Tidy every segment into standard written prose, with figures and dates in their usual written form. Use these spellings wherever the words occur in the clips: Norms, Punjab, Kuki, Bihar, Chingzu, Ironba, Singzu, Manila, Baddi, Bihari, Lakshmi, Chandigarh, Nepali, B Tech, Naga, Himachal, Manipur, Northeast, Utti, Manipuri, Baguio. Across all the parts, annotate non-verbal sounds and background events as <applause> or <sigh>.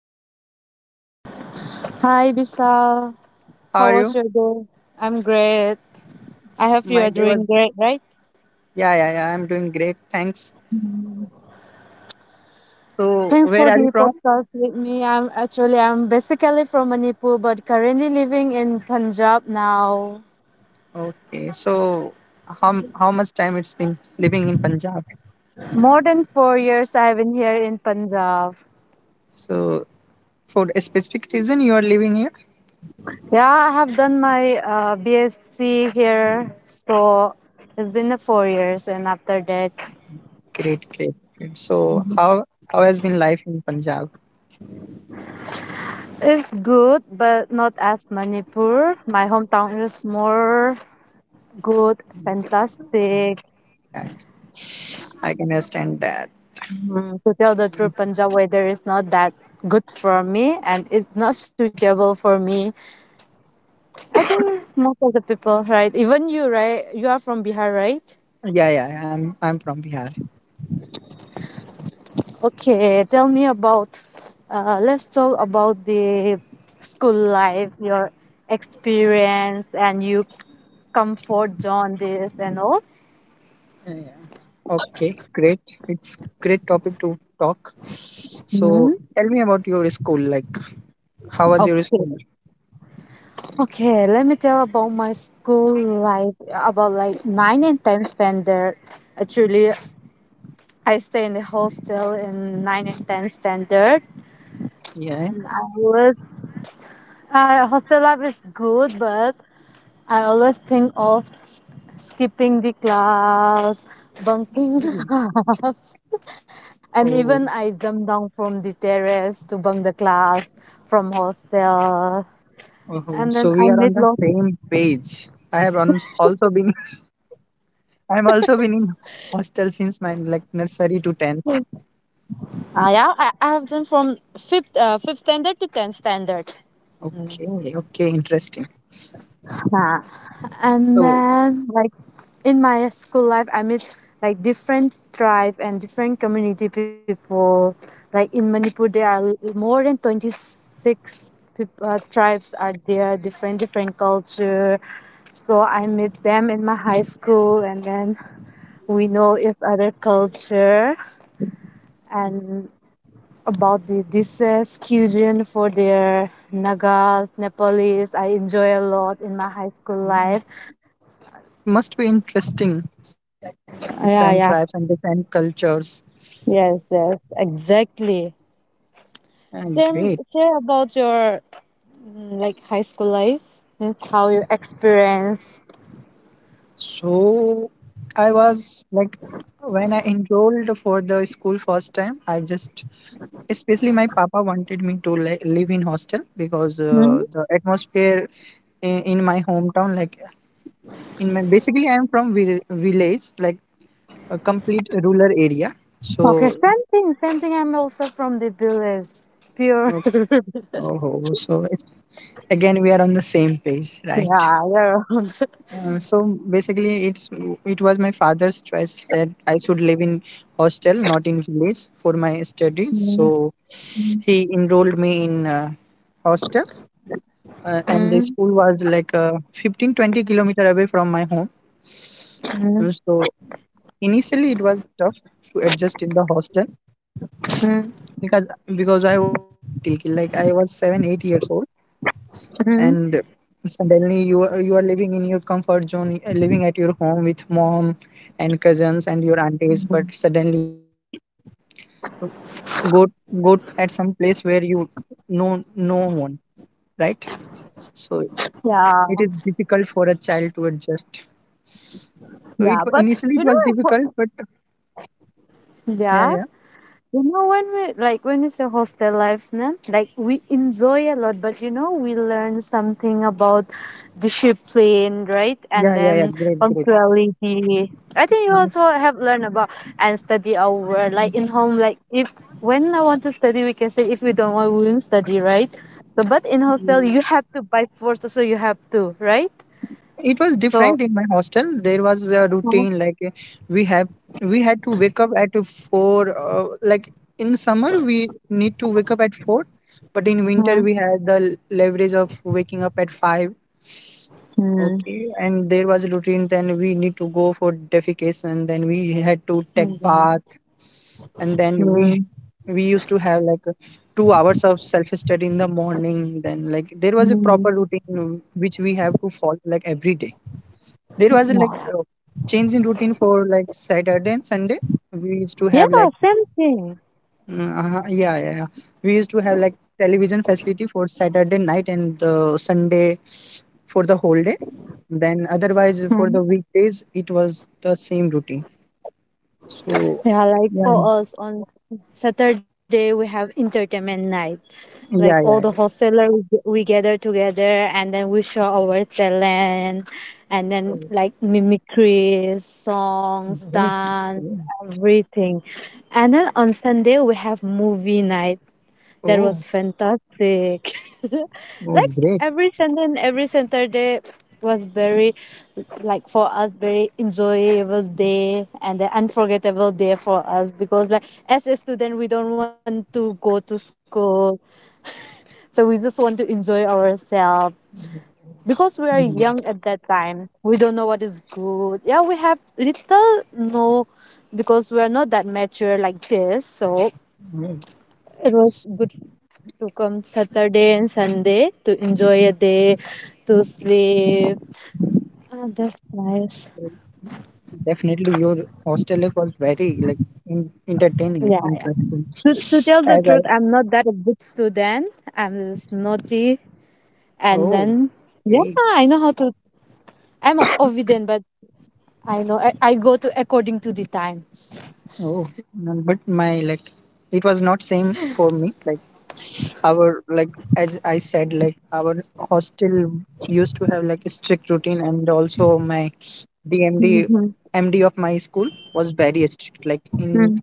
Hello, Lakshmi. Hi, Bisal. How How are was you? your day? I'm great. I hope you My are day was, doing great, right? yeah, yeah, yeah. I'm doing great. Thanks. So, Thanks where for are you the from? podcast with me. I'm basically from Manipur, but currently living in Punjab now. Okay. So, how much time it's been living in Punjab? More than 4 years I have been here in Punjab. So, for a specific reason you are living here? Yeah, I have done my BSc here, so it's been 4 years, and after that, Great, great, great. So, how has been life in Punjab? it's good, but not as Manipur. My hometown is more good, fantastic. Yeah, yeah. I can understand that. To tell the truth, Punjab weather is not that good for me and it's not suitable for me. I think most of the people, right? Even you, right? You are from Bihar, right? Yeah, yeah, yeah, I'm from Bihar. Okay, let's talk about the school life, your experience and you comfort zone, this and all. Yeah, yeah. Okay, great. It's great topic to talk. So, tell me about your school. Like, how was your Okay. school? Okay, let me tell about my school life, about like 9 and 10 spent there. Actually, I stay in the hostel in 9 and 10 standard. And I Yes. always, hostel life is good, but I always think of skipping the class, bunking <laughs> Oh, class. And even I oh, jumped down from the terrace to bunk the class from hostel. oh. And then So I we are made on the lots. same page. I have on also been <laughs> I'm also been in hostel since my like nursery to 10th. Yeah, I have done from fifth standard to 10th standard. Okay, okay, interesting. Uh, and So then like in my school life, I met like different tribe and different community people. Like in Manipur, there are more than 26 tribes are there, different culture. So I met them in my high school, and then we know each other culture and about the dishes, cuisine, for their Nagas, Nepalese. I enjoy a lot in my high school life. mm, it it must be interesting interacting with different Yeah, yeah. tribes and different cultures. Yes, yes, exactly. And Share, great. share about your like high school life and how you experience. So I was like when I enrolled for the school first time, I just especially my papa wanted me to live in hostel because Hmm? The atmosphere in my hometown, like in my basically I'm from village, like a complete rural area. Okay, So, same thing, same thing. I'm also from the village, pure. uh, <laughs> oh, so it's again we are on the same page, right? Yeah, yeah. So basically it was my father's choice that I should live in hostel, not in village for my studies. Mm, So mm, he enrolled me in hostel, and the mm, school was like 15 20 kilometers away from my home. mm, So initially it was tough to adjust in the hostel mm, because I was very little kid like I was 7 8 years old, and mm. suddenly you are living in your comfort zone, living at your home with mom and cousins and your aunties, but suddenly you go go at some place where you know no one, right? So Yeah, it is difficult for a child to adjust. So it yeah. But initially it you know, was I difficult, ho- but yeah, yeah. yeah, When we like when we say hostel life, na, like we enjoy a lot, but we learn something about discipline, right? yeah, And yeah, yeah. then Great, great. punctuality. I think you Uh, also have learned about and study hour, like in home, like if when I want to study, we can say if we don't want, we won't study, right? So, but in hostel, you have to by force, so you have to, right? it was different So. in my hostel. There was a Mhm, routine like, uh, we have we had to wake up at four. Like in summer, we need to wake up at four, but in winter we had the leverage of waking up at five. mhm, Okay, and there was a routine. Then we need to go for defecation. Then we had to take mhm, bath and then we mhm, we used to have like 2 hours of self study in the morning. Then like there was a mhm. proper routine which we have to follow like every day. There was a, like a change in routine for like saturday and sunday. We used to Yeah, have like same thing. mm, uh, yeah, yeah yeah we used to have like television facility for saturday night and the sunday for the whole day. Then otherwise Mm-hmm. for the weekdays it was the same routine. So Yeah, like yeah for us on Saturday we have entertainment night. Like all yeah the yeah hostelers we gather together and then we show our talent and So, then like mimicries, songs, great, dance, great. everything. And then on Sunday we have movie night. That was Oh, fantastic. <laughs> oh, Like great. every Sunday and every Saturday was very like for us very enjoyable day and an unforgettable day for us because like as a student we don't want to go to school. So we just want to enjoy ourselves. Because we are young Mm, at that time. We don't know what is good. Yeah, we have little know because we are not that mature like this. So mm. it was good to come Saturday and Sunday to enjoy a day, to sleep. Oh, that's nice. Definitely, your hostel life was very like in, entertaining, Yeah, yeah. interesting. To tell the As I, truth, I'm not that a good student. I'm just naughty. And oh, then, yeah, great. I know how to. I'm obedient, but I know I go to according to the time. Oh, no, but my like, it was not same for me. Like our like, as I said, like our hostel used to have like a strict routine, and also my Mhm, DMDMD of my school was very strict. mhm, Like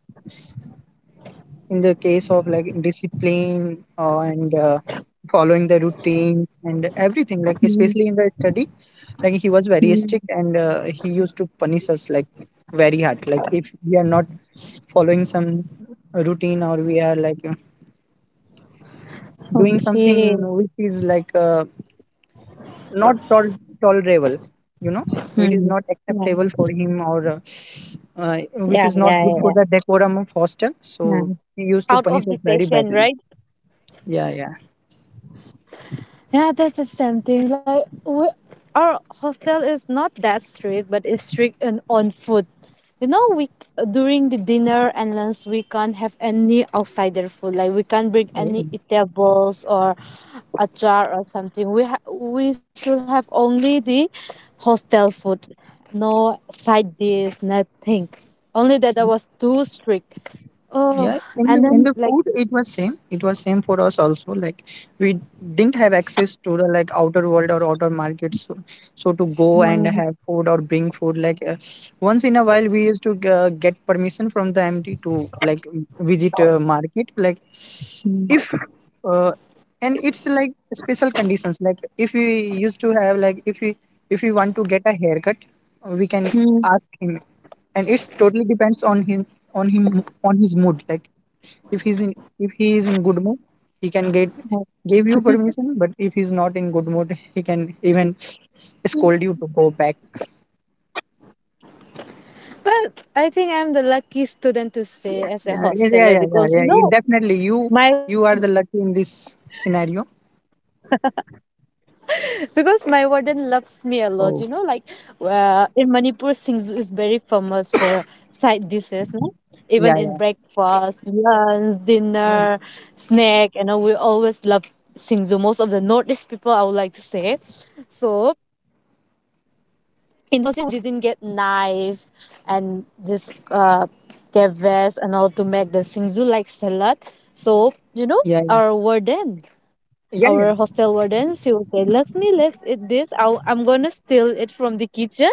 in the case of like discipline, and following the routines and everything, like mhm, especially in the study, like he was very mhm. strict, and he used to punish us like very hard, like if we are not following some routine, or we are like, doing Okay. something which is like, not tolerable, you know, which is Mhm. not acceptable for him, or uh, which Yeah, is not yeah, good yeah, for the yeah. decorum of hostel. Yeah. So he used to Out punish of us the very patient, badly. right? Yeah, yeah. Yeah, that's the same thing. Like we, our hostel is not that strict, but it's strict on food. You know, we during the dinner and lunch we can't have any outsider food. Like we can't bring Oh, oh. any eatables or a jar or something. We should have only the hostel food, no side dish, nothing. Only that I was too strict. Oh, Yeah, and in then the like. food it was same. It was same for us also. Like we didn't have access to the like outer world or outer markets, so, so to go and have food or bring food. Like once in a while we used to get permission from the MD to like visit a market. Like if, uh, and it's like special conditions. Like if we used to have like if we want to get a haircut, we can <clears throat> ask him, and it's totally depends on him on him on his mood. Like if he's in if he is in good mood, he can get give you permission, but if he's not in good mood, he can even scold you to go back. Well, I think I'm the lucky student to say as a yeah yeah yeah yeah yeah, hosteler yeah, because yeah. It definitely you my you are the lucky in this scenario. My warden loves me a lot. You know, like Oh, in Manipur, Singzu is very famous for side dishes, no? Even in yeah, yeah. breakfast, lunch, Mm, dinner, snack, and you know, we always love Singzu. Most of the Northeast people, I would like to say. So in hostel we didn't get knife and this gavets and all to make the singzu like salad. So you know yeah, our warden yeah, our yeah, yeah. hostel warden, she will say, Lakshmi, let's eat this. I'm gonna steal it from the kitchen.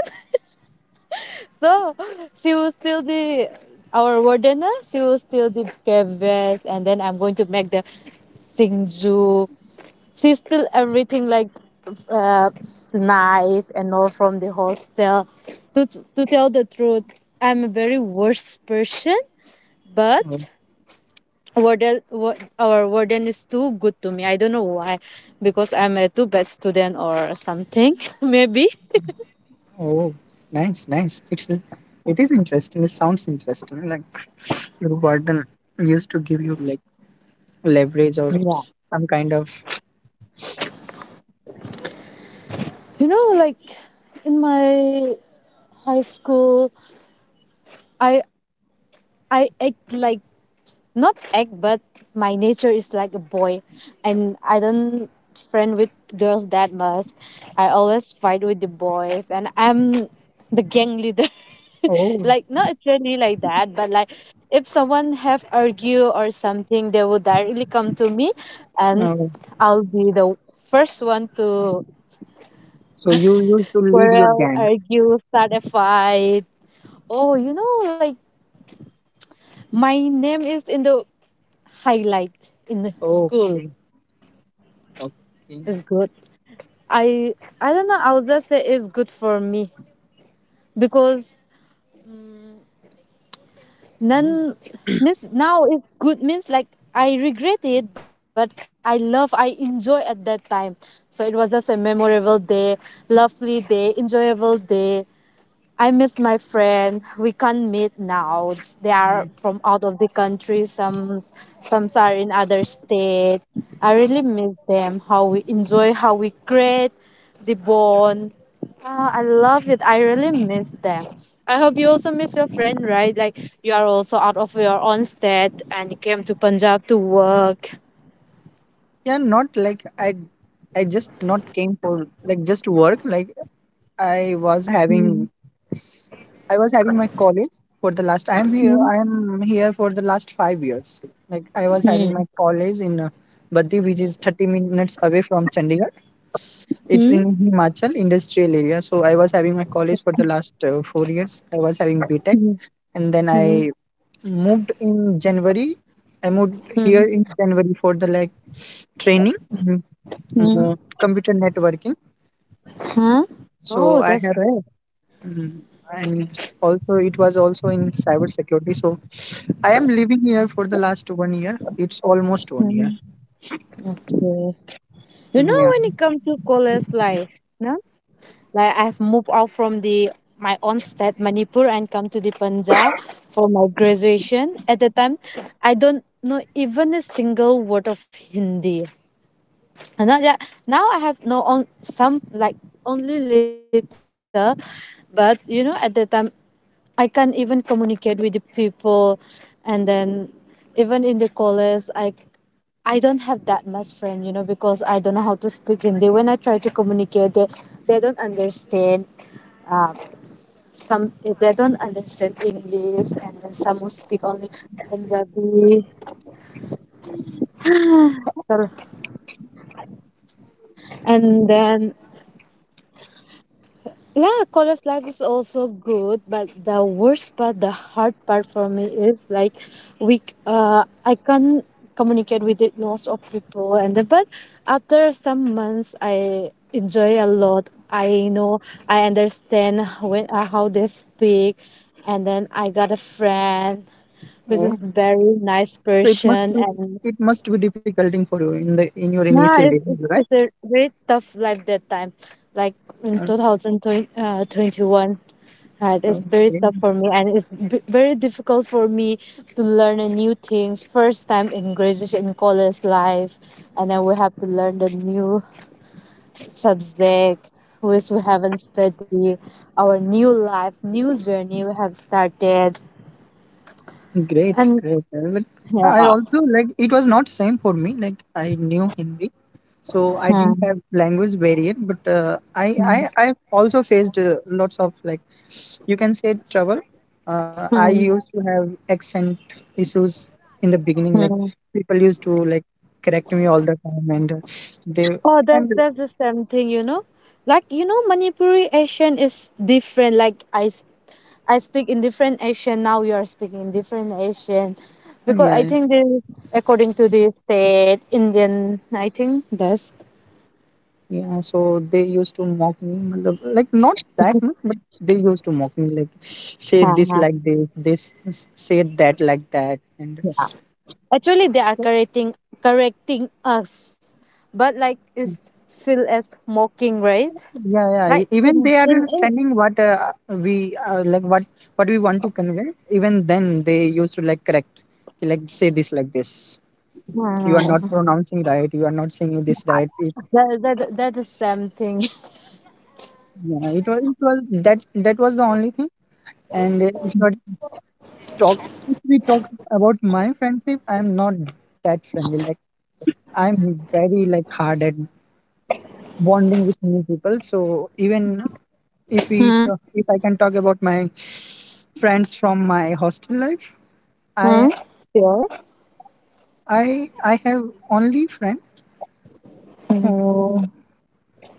<laughs> So she will steal the our wardener, she will steal the gavets, and then I'm going to make the singzu. She stole everything like uh, knife and all from the hostel. To tell the truth, I'm a very worst person, Oh, but our warden is too good to me. I don't know why, because I'm a too bad student or something, <laughs> maybe. oh, nice, nice. It's it is interesting. It sounds interesting, like your warden used to give you like leverage or Yeah. some kind of, You know, like in my high school, I I act like not act but my nature is like a boy, and I don't friend with girls that much. I always fight with the boys and I'm the gang leader. <laughs> oh, Like not actually like that but like if someone have argue or something, they would directly come to me, and no. I'll be the first one to So you used to lead your quarrel, gang. argue, start a fight. Oh, like my name is in the highlight in the school. Okay, okay. It's good. I I don't know. I would just say it's good for me because Mhm. none means now it's good means like I regret it, but I enjoy at that time. So it was just a memorable day, lovely day, enjoyable day. I miss my friend. We can't meet now. They are from out of the country. Some are in other state. I really miss them. How we enjoy, how we create the bond. Ah, I love it. I really miss them. I hope you also miss your friend, right? Like you are also out of your own state and you came to Punjab to work. Yeah, not like I just not came for like just to work. Like I was Hmm. having, I was having my college for the last. I am here. Hmm. I am here for the last 5 years. Like I was Hmm. having my college in Baddi, which is 30 minutes away from Chandigarh. It's in Himachal industrial area. So I was having my college for the last 4 years. I was having B Tech, Hmm. Hmm. and then Hmm. I moved in January. I moved here Hmm. in January for the like training in Hmm. Computer networking. Huh? So Oh, I that's have, great. mm, and also it was also in cyber security. So I am living here for the last 1 year. It's almost 1 year. Hmm. Okay. You know, Yeah. when it comes to college life, no? Like I've moved out from the my own state, Manipur, and come to the Punjab for my graduation. At the time, I don't know even a single word of Hindi. And now, Oh, yeah, now I have no on some like only little, but you know, at the time I can't even communicate with the people, and then even in the college, I don't have that much friend, you know, because I don't know how to speak Hindi. When I try to communicate, they don't understand. Um, some they don't understand English, and then some will speak only Punjabi, or and then yeah, college life is also good, but the worst part, the hard part for me is like we I can't communicate with it lots of people and then but after some months I enjoy a lot. I know I understand when how they speak, and then I got a friend which oh. is very nice So it must person be, and it must be difficult for you in the in your initial yeah, days, it's it's, right? it's a very tough life that time. Like Uh, in 2020, 21. Right, it's very okay. tough for me, and it's very difficult for me to learn a new things. First time in graduate in college life, and then we have to learn the new subject which we haven't studied. Our new life, new journey we have started, Great, and great. Like I yeah. also like it was not same for me. Like I knew Hindi, so I didn't Hmm. have language barrier. But uh, I Hmm. I I also faced lots of like you can say trouble. I Hmm. used to have accent issues in the beginning. Like Hmm. people used to like correct me all the time, and they Oh, that and that's the same thing, you know. Like you know, Manipuri Asian is different. Like I speak in different Asian. Now you are speaking in different Asian, because I yeah. think this is according to the state Indian. I think that's Yeah, so they used to mock me, matlab, like not that much, but they used to mock me, like say this uh-huh. like this say that like that, and Actually they are so, correcting us, but like it's still as mocking, right? yeah, yeah. Like Even they are in understanding what we like, what we want to convey. Even then, they used to like correct, like say this like this. You are not uh, pronouncing right. You are not saying this right. It, that is something. <laughs> yeah, it was, it was that was the only thing, and it was talk if we talk about my friendship, I'm not that friendly. Like I'm very like hard at bonding with new people. So even if we Hmm. If I can talk about my friends from my hostel life, Hmm. I Sure. I have only friend Mm. who,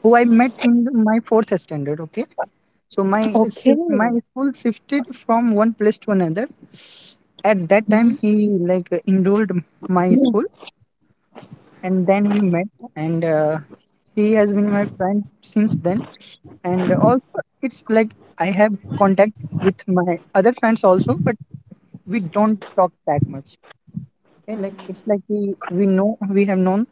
who I met in my fourth standard. Okay, so my Okay. My school shifted from one place to another. At that Mhm. time, he like enrolled my school, and then we met, and he has been my friend since then. And also it's like I have contact with my other friends also, but we don't talk that much. Okay, like it's like we have known,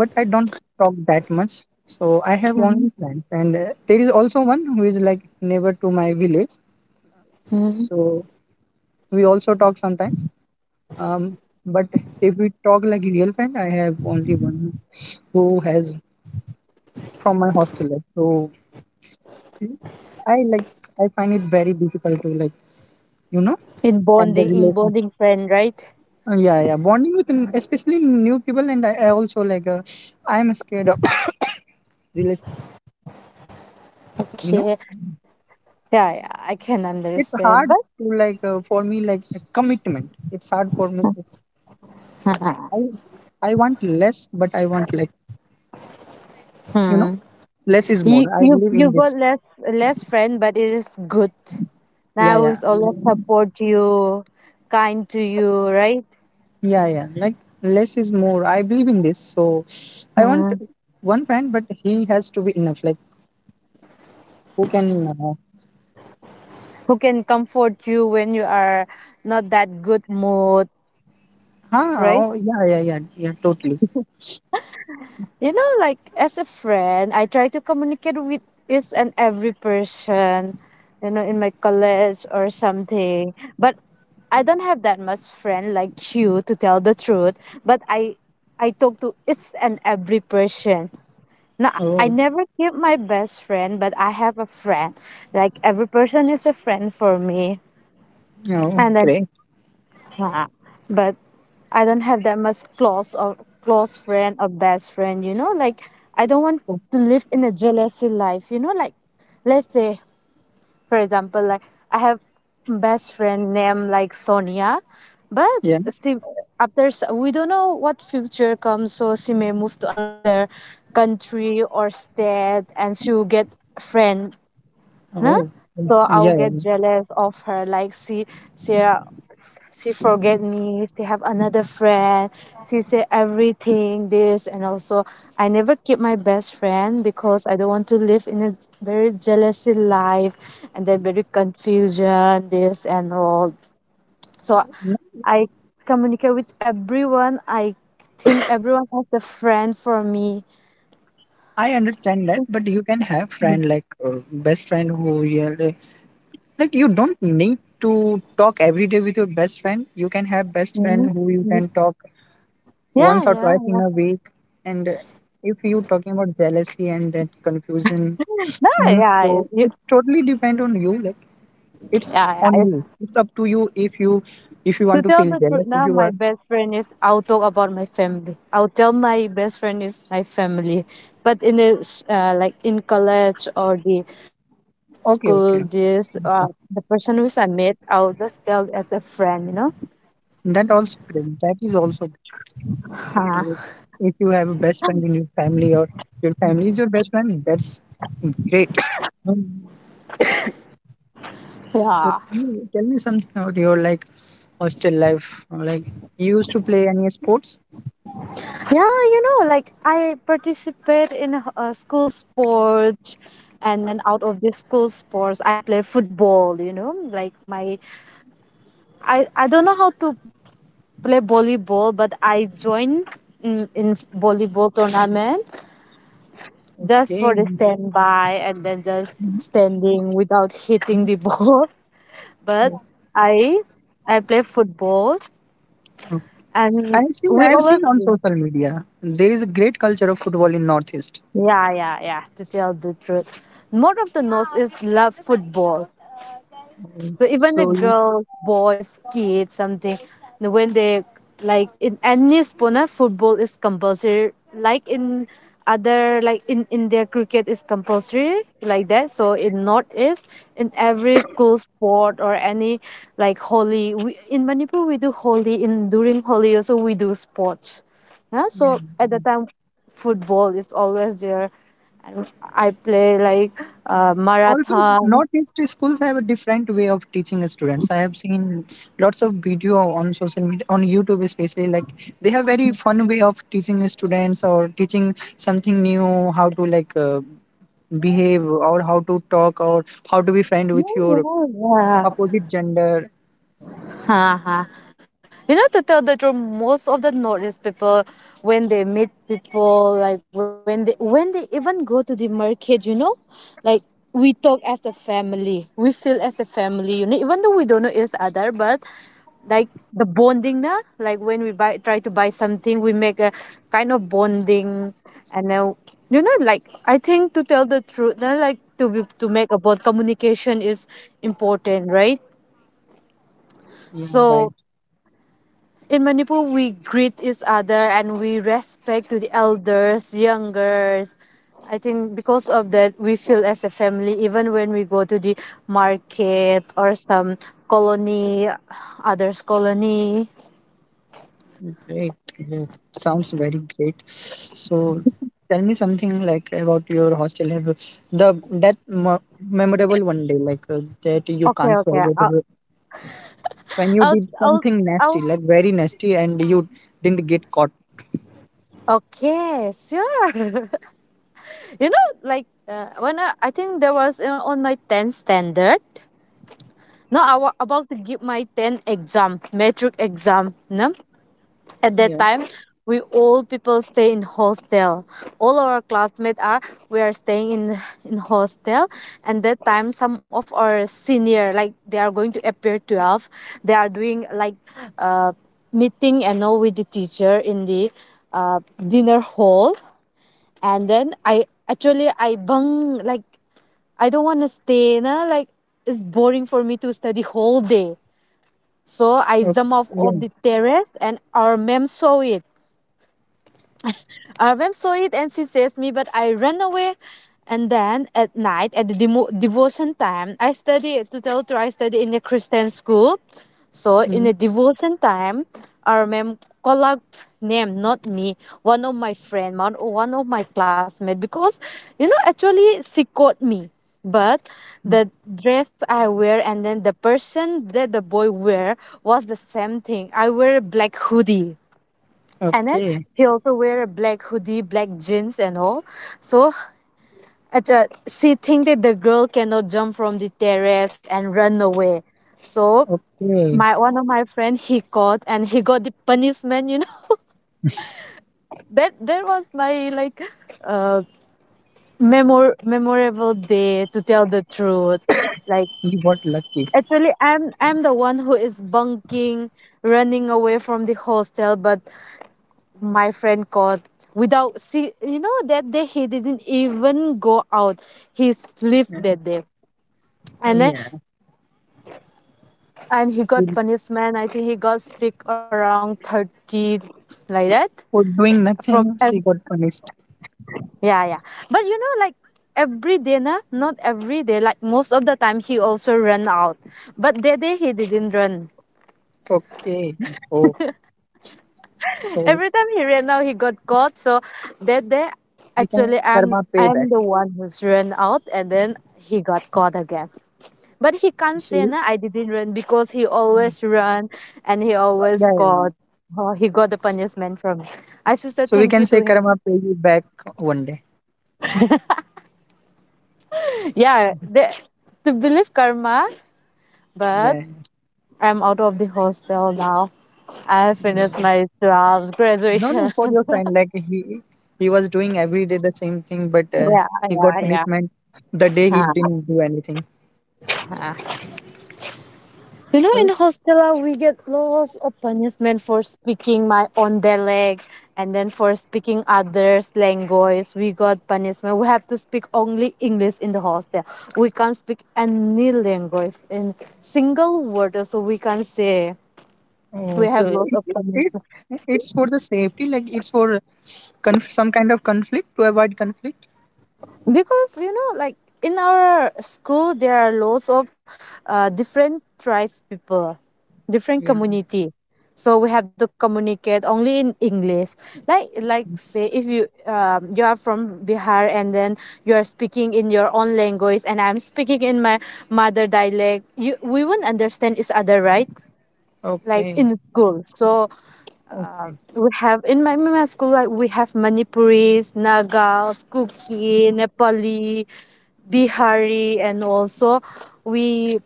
but I don't talk that much. So I have Mhm. only friends, and there is also one who is like neighbor to my village, Mhm. so we also talk sometimes, um, but if we talk like real friend, I have only one who has from my hostel life. So I like I find it very difficult to like, you know, In and the bonding, in relation. bonding friend, right? Yeah, yeah, bonding with especially new people, and I also like, I'm scared of <coughs> relationships. Like you know, Okay. Yeah, yeah, I can it's hard understand. to like, for me like a commitment. It's hard for me. To, I But I want less, but I want like, you know, hmm. less is more. you, I you, believe in you got this. less friend, but it is good. Yeah, Now yeah, who's always support you, kind to you, right? yeah, yeah. Like less is more. I believe in this. So I want Hmm. one friend, but he has to be enough. Like who can Who can comfort you when you are not that good mood, ah, right? oh, yeah, yeah, yeah, yeah, totally. Like as a friend, I try to communicate with each and every person, in my college or something. But I don't have that much friend like you to tell the truth. But I talk to each and every person. No, I Oh, never keep my best friend, but I have a friend. Like every person is a friend for me. yeah, oh, And then great. yeah, but I don't have that much close or close friend or best friend, like I don't want Oh, to live in a jealousy life, like let's say for example, like I have best friend named like Sonia, but yeah. she we don't know what future comes, so she may move to another country or state and she will get friend. Huh? Oh, yeah, So I'll yeah, get yeah. jealous of her. Like she, she forget me. She have another friend. She say everything this and also I never keep my best friend because I don't want to live in a very jealousy life and then very confusion this and all. So No, I communicate with everyone. I think everyone has a friend for me. I understand that, but you can have friend like, best friend who really like you don't need to talk every day with your best friend. You can have best friend Mhm. who you can talk Yeah, once or yeah, twice in a week. And if you talking about jealousy and that confusion, yeah, things, yeah. so You, it totally depend on you. Like it's yeah, on yeah. you. It's up to you if you if you To want to tell feel the truth jealous, if now, you my are best friend is, I'll talk about my family. I'll tell my best friend is my family. But in this, like in college or the school, okay, okay, the okay. person who's I met, I'll just tell as a friend, you know? That also great. That is also great. If Huh. you if you have a best friend in your family, or your family is your best friend, that's great. So tell Yeah. me, tell me something about your like hostel life. Like you used to play any sports? Yeah, you know, like I participate in school sports and then out of the school sports I play football, you know? Like my I don't know how to play volleyball, but I join in volleyball tournament just for Okay. the standby and then just standing without hitting the <laughs> ball. But I I play football and I've seen we I've always seen on win. social media there is a great culture of football in Northeast. Yeah, yeah, yeah. To tell the truth, more of the nose is love football. So even the So you- girls, boys, kids, something, when they like in any sport, na football is compulsory. Like in other like in India cricket is compulsory like that. So in Northeast, in every school sport or any like holy we, in Manipur we do holy in during holy also we do sports. Yeah? yeah. So at the time football is always there. And I play like Also, marathon. northeast schools have a different way of teaching students. I have seen lots of video on social media on YouTube, especially like they have very fun way of teaching students or teaching something new, how to like behave or how to talk or how to be friend with Yeah, your yeah, yeah. opposite gender. Uh-huh. You know, to tell the truth, most of the Northeast people, when they meet people, like when they even go to the market, you know, like we talk as a family, we feel as a family unit, even though we don't know each other, but like the bonding, na? Like when we buy try to buy something, we make a kind of bonding, and then you know, like I think to tell the truth, na, like to be, to make a bond, communication is important, right? Yeah, So right. in Manipur, we greet each other and we respect to the elders, youngers. I think because of that, we feel as a family, even when we go to the market or some colony, others colony. Great, yeah. Sounds very great. So tell me something like about your hostel have the that mo- memorable one day like that you Okay, can't okay. forget, when you I'll, did I'll, something nasty, I'll. like very nasty, and you didn't get caught. Okay, sure. <laughs> you know, like when I think there was on my 10th standard. No, I was about to give my 10th exam, metric exam. No? At that Yeah. time, we all people stay in hostel. All our classmates are we are staying in hostel. And that time, some of our senior like they are going to appear 12. They are doing like uh, meeting and all with the teacher in the dinner hall. And then I actually I bung like I don't want to stay. Na like it's boring for me to study whole day. So Oh, I jump off yeah. of the terrace and our ma'am saw it. Arvem saw it and she chased me, but I ran away. And then at night, at the devotion time, I study, to tell you, I study in a Christian school. So in Mm, the devotion time, our mem colleague name, not me, one of my friend, one of my classmate, because, you know, actually she caught me. But mm, the dress I wear and then the person that the boy wear was the same thing. I wear a black hoodie. And then okay. he also wear a black hoodie, black jeans and all. So at she think that the girl cannot jump from the terrace and run away. So Okay. my one of my friend he caught and he got the punishment. You know <laughs> that was my like uh memorable day to tell the truth. Like You got lucky. actually I'm the one who is bunking, running away from the hostel, but my friend got without see, you know that day he didn't even go out, he slept Yeah, that day, and then yeah. and he got We- punishment, I think he got sick around 30 like that For doing from ev- nothing, she got punished. yeah, yeah, but you know like every day na, not every day like most of the time he also ran out, but that day he didn't run. Okay. Oh, Every so time he ran out he got caught, so that day we can say actually karma payback. I'm the one who's ran out and then he got caught again. But he can't So yeah, say no, I didn't run because he always run and he yeah, always yeah. got, oh, he got the punishment from me. I should say So we thank you can to say him. karma pay you back one day. Yeah, the, to believe karma, but I'm out of the hostel now. I finished Yeah. my jobs, No, no, graduation. for <laughs> your friend. Like he was doing every day the same thing, but yeah, he got yeah, yeah. punishment the day he Huh. didn't do anything. You know, in So hostel we get lots of punishment for speaking my own dialect, and then for speaking others' language, we got punishment. We have to speak only English in the hostel. We can't speak any language in single word, so we can't say. oh, We so have lots of punishment. it, it's for the safety. Like it's for some kind of conflict, to avoid conflict. Because you know like in our school there are lots of different tribe people, different Yeah. community, so we have to communicate only in English. Like say if you you are from Bihar and then you are speaking in your own language and I'm speaking in my mother dialect, you we won't understand each other, right? Like Okay. in school, so Okay. we have in my school like we have Manipuris, Nagals, Kuki, Nepali, Bihari, and also we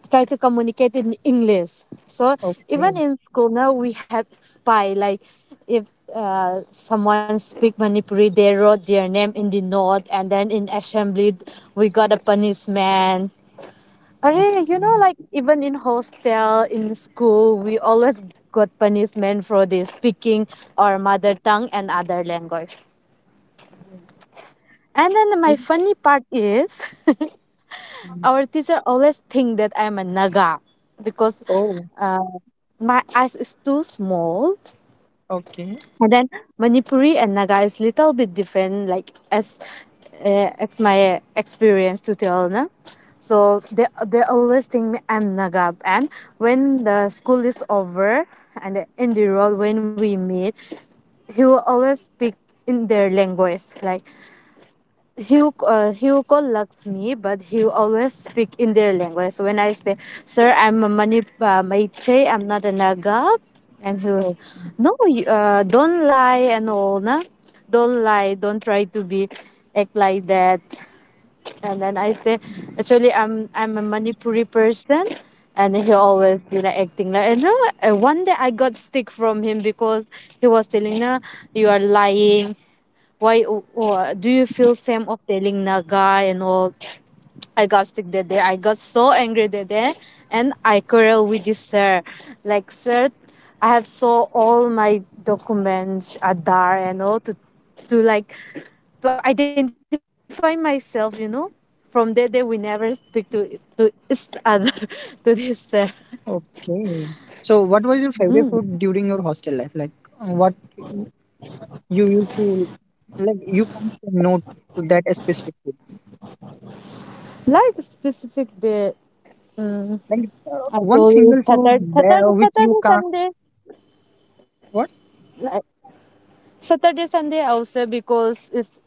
try to communicate in English. So even Okay. in school now we have spy like if someone speak Manipuri, they wrote their name in the note, and then in assembly we got a punishment. Arey, you know, like even in hostel, in school, we always got punishment for this speaking our mother tongue and other language. And then my funny part is, <laughs> our teacher always think that I'm a Naga because Oh. uh, my eyes is too small. Okay. And then Manipuri and Naga is little bit different, like as my experience to tell, na. So they always think me I'm Naga, and when the school is over and in the road when we meet, he will always speak in their language, like he will call Lakshmi, but he always speak in their language. So when I say, "Sir, I'm a Mani Maiche, I'm not a Naga," and he was, Oh, "No, you, don't lie and all, na, don't lie, don't try to be act like that." And then I say, "Actually, I'm a Manipuri person." And he always you know acting like and you know, one day I got stick from him because he was telling, "No, you are lying, why do you feel same of telling Naga and all?" I got sick that day. I got so angry that day, and I quarrel with this sir. Like sir, I have saw all my documents, Adar and all to like to identify myself. You know, from that day we never speak to each other <laughs> to this sir. okay. So what was your favorite food during your hostel life? Like what you used to, like you can't say no to that specific food. Like specific day, mm, Like I one told you single food there, which you can't, Saturday, what? Sunday. Saturday, Sunday also because it's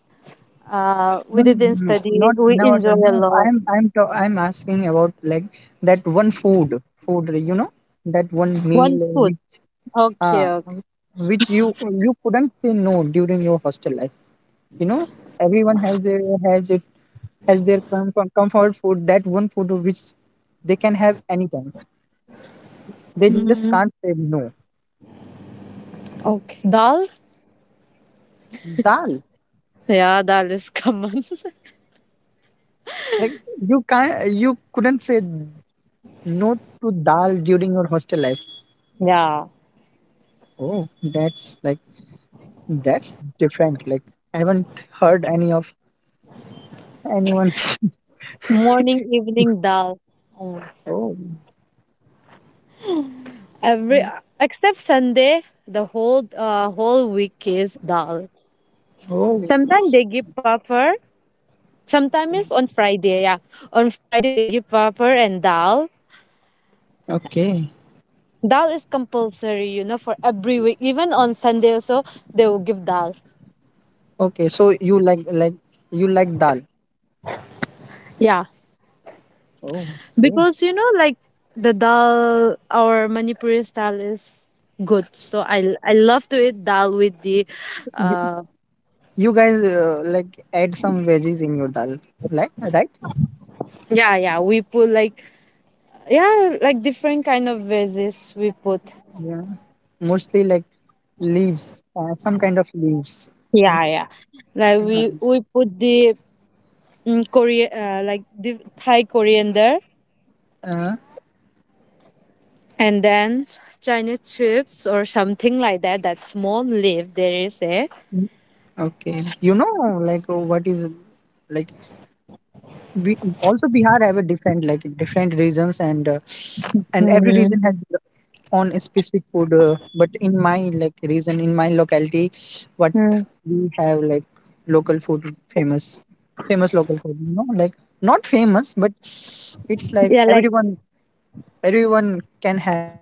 we No, no, didn't no, no. study. Not We never enjoy done, a no. lot. I'm asking about like that one food, food, you know, that one meal One food. which uh, Okay, okay. which you couldn't say no during your hostel life, you know. Everyone has their, has it, has their comfort food, that one food which they can have anytime, they just can't say no. Okay. Dal? Dal. Yeah, dal is common. <laughs> Like you can't, you couldn't say not to dal during your hostel life. yeah. Oh, that's like, that's different. Like I haven't heard any of anyone. <laughs> Morning, evening dal. Mm. Oh, Every except Sunday, the whole week is dal. oh, Sometimes they give puffer. Sometimes it's on Friday, yeah. On Friday they give puffer and dal. okay, Dal is compulsory, you know, for every week. Even on Sunday also, they will give dal. okay. So you like you like dal. Yeah, Oh, okay. because you know, like the dal, our Manipuri style is good. So I love to eat dal with the, You, uh, you guys like add some veggies in your dal, like right? yeah yeah we put like yeah like different kind of veggies we put. Yeah, mostly like leaves, some kind of leaves. Yeah yeah, like Yeah. We put the mm, Korea like the Thai coriander Uh, and then Chinese chips or something like that. That small leaf there is a. okay. You know, like what is, like we also Bihar have a different like different regions, and every Mm, region has their own specific food. But in my like region, in my locality, what mm. we have like local food famous, famous local food. You know, like not famous, but it's like Yeah, like everyone, everyone can have,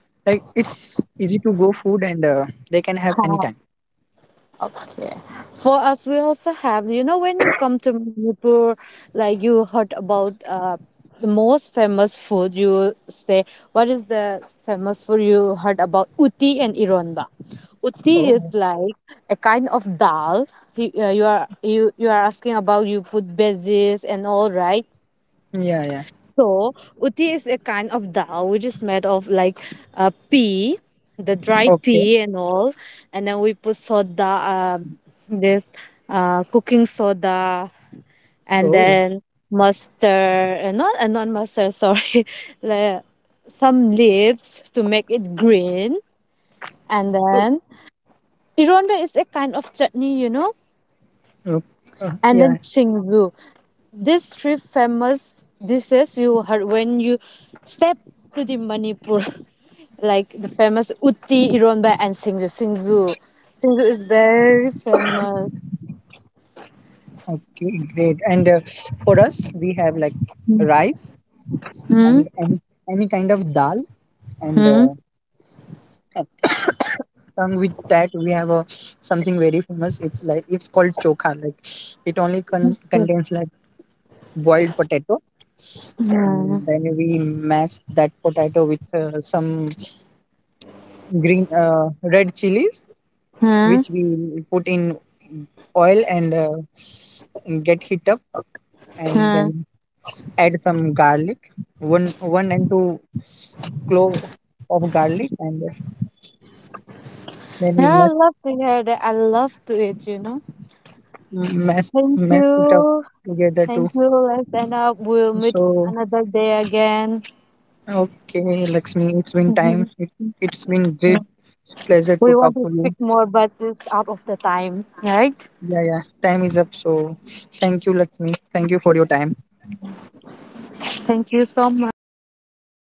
like it's easy to go food, and they can have anytime. okay. For us, we also have, you know, when you come to Manipur, like you heard about the most famous food, you say, what is the famous food you heard about? Uti and Ironba. Uti is Oh like a kind of dal. You, you are you are asking about you put bases and all right. yeah, yeah, So, utti is a kind of dal which is made of like pea, the dry okay. pea and all, and then we put soda, this cooking soda, and Oh. then mustard, not not mustard, sorry, <laughs> le- some leaves to make it green, and Oh, then ironda is a kind of chutney, you know, oh. And yeah. then chingzu. These three famous dishes you heard when you step to the Manipur. <laughs> like the famous utti, ironba, and singju. Singju is very famous. Okay, great. And for us, we have like rice Hmm? and any kind of dal. And Hmm? Along with that, we have a something very famous. It's like it's called chokha. Like it only contains like boiled potato, Yeah. and then we mash that potato with some green red chilies, Huh. which we put in oil and get heat up, and Huh. then add some garlic, one and two clove of garlic, and then we Yeah, I must love to hear that. I love to it. You know. mess Thank mess it up you. together Thank too. you. Let's end up. We'll meet So another day again. okay, Lakshmi, it's been time. It's been great pleasure We to want talk to to speak you. more, but it's out of the time, right? Yeah, yeah. Time is up. So thank you, Lakshmi. Thank you for your time. Thank you so much. I appreciate.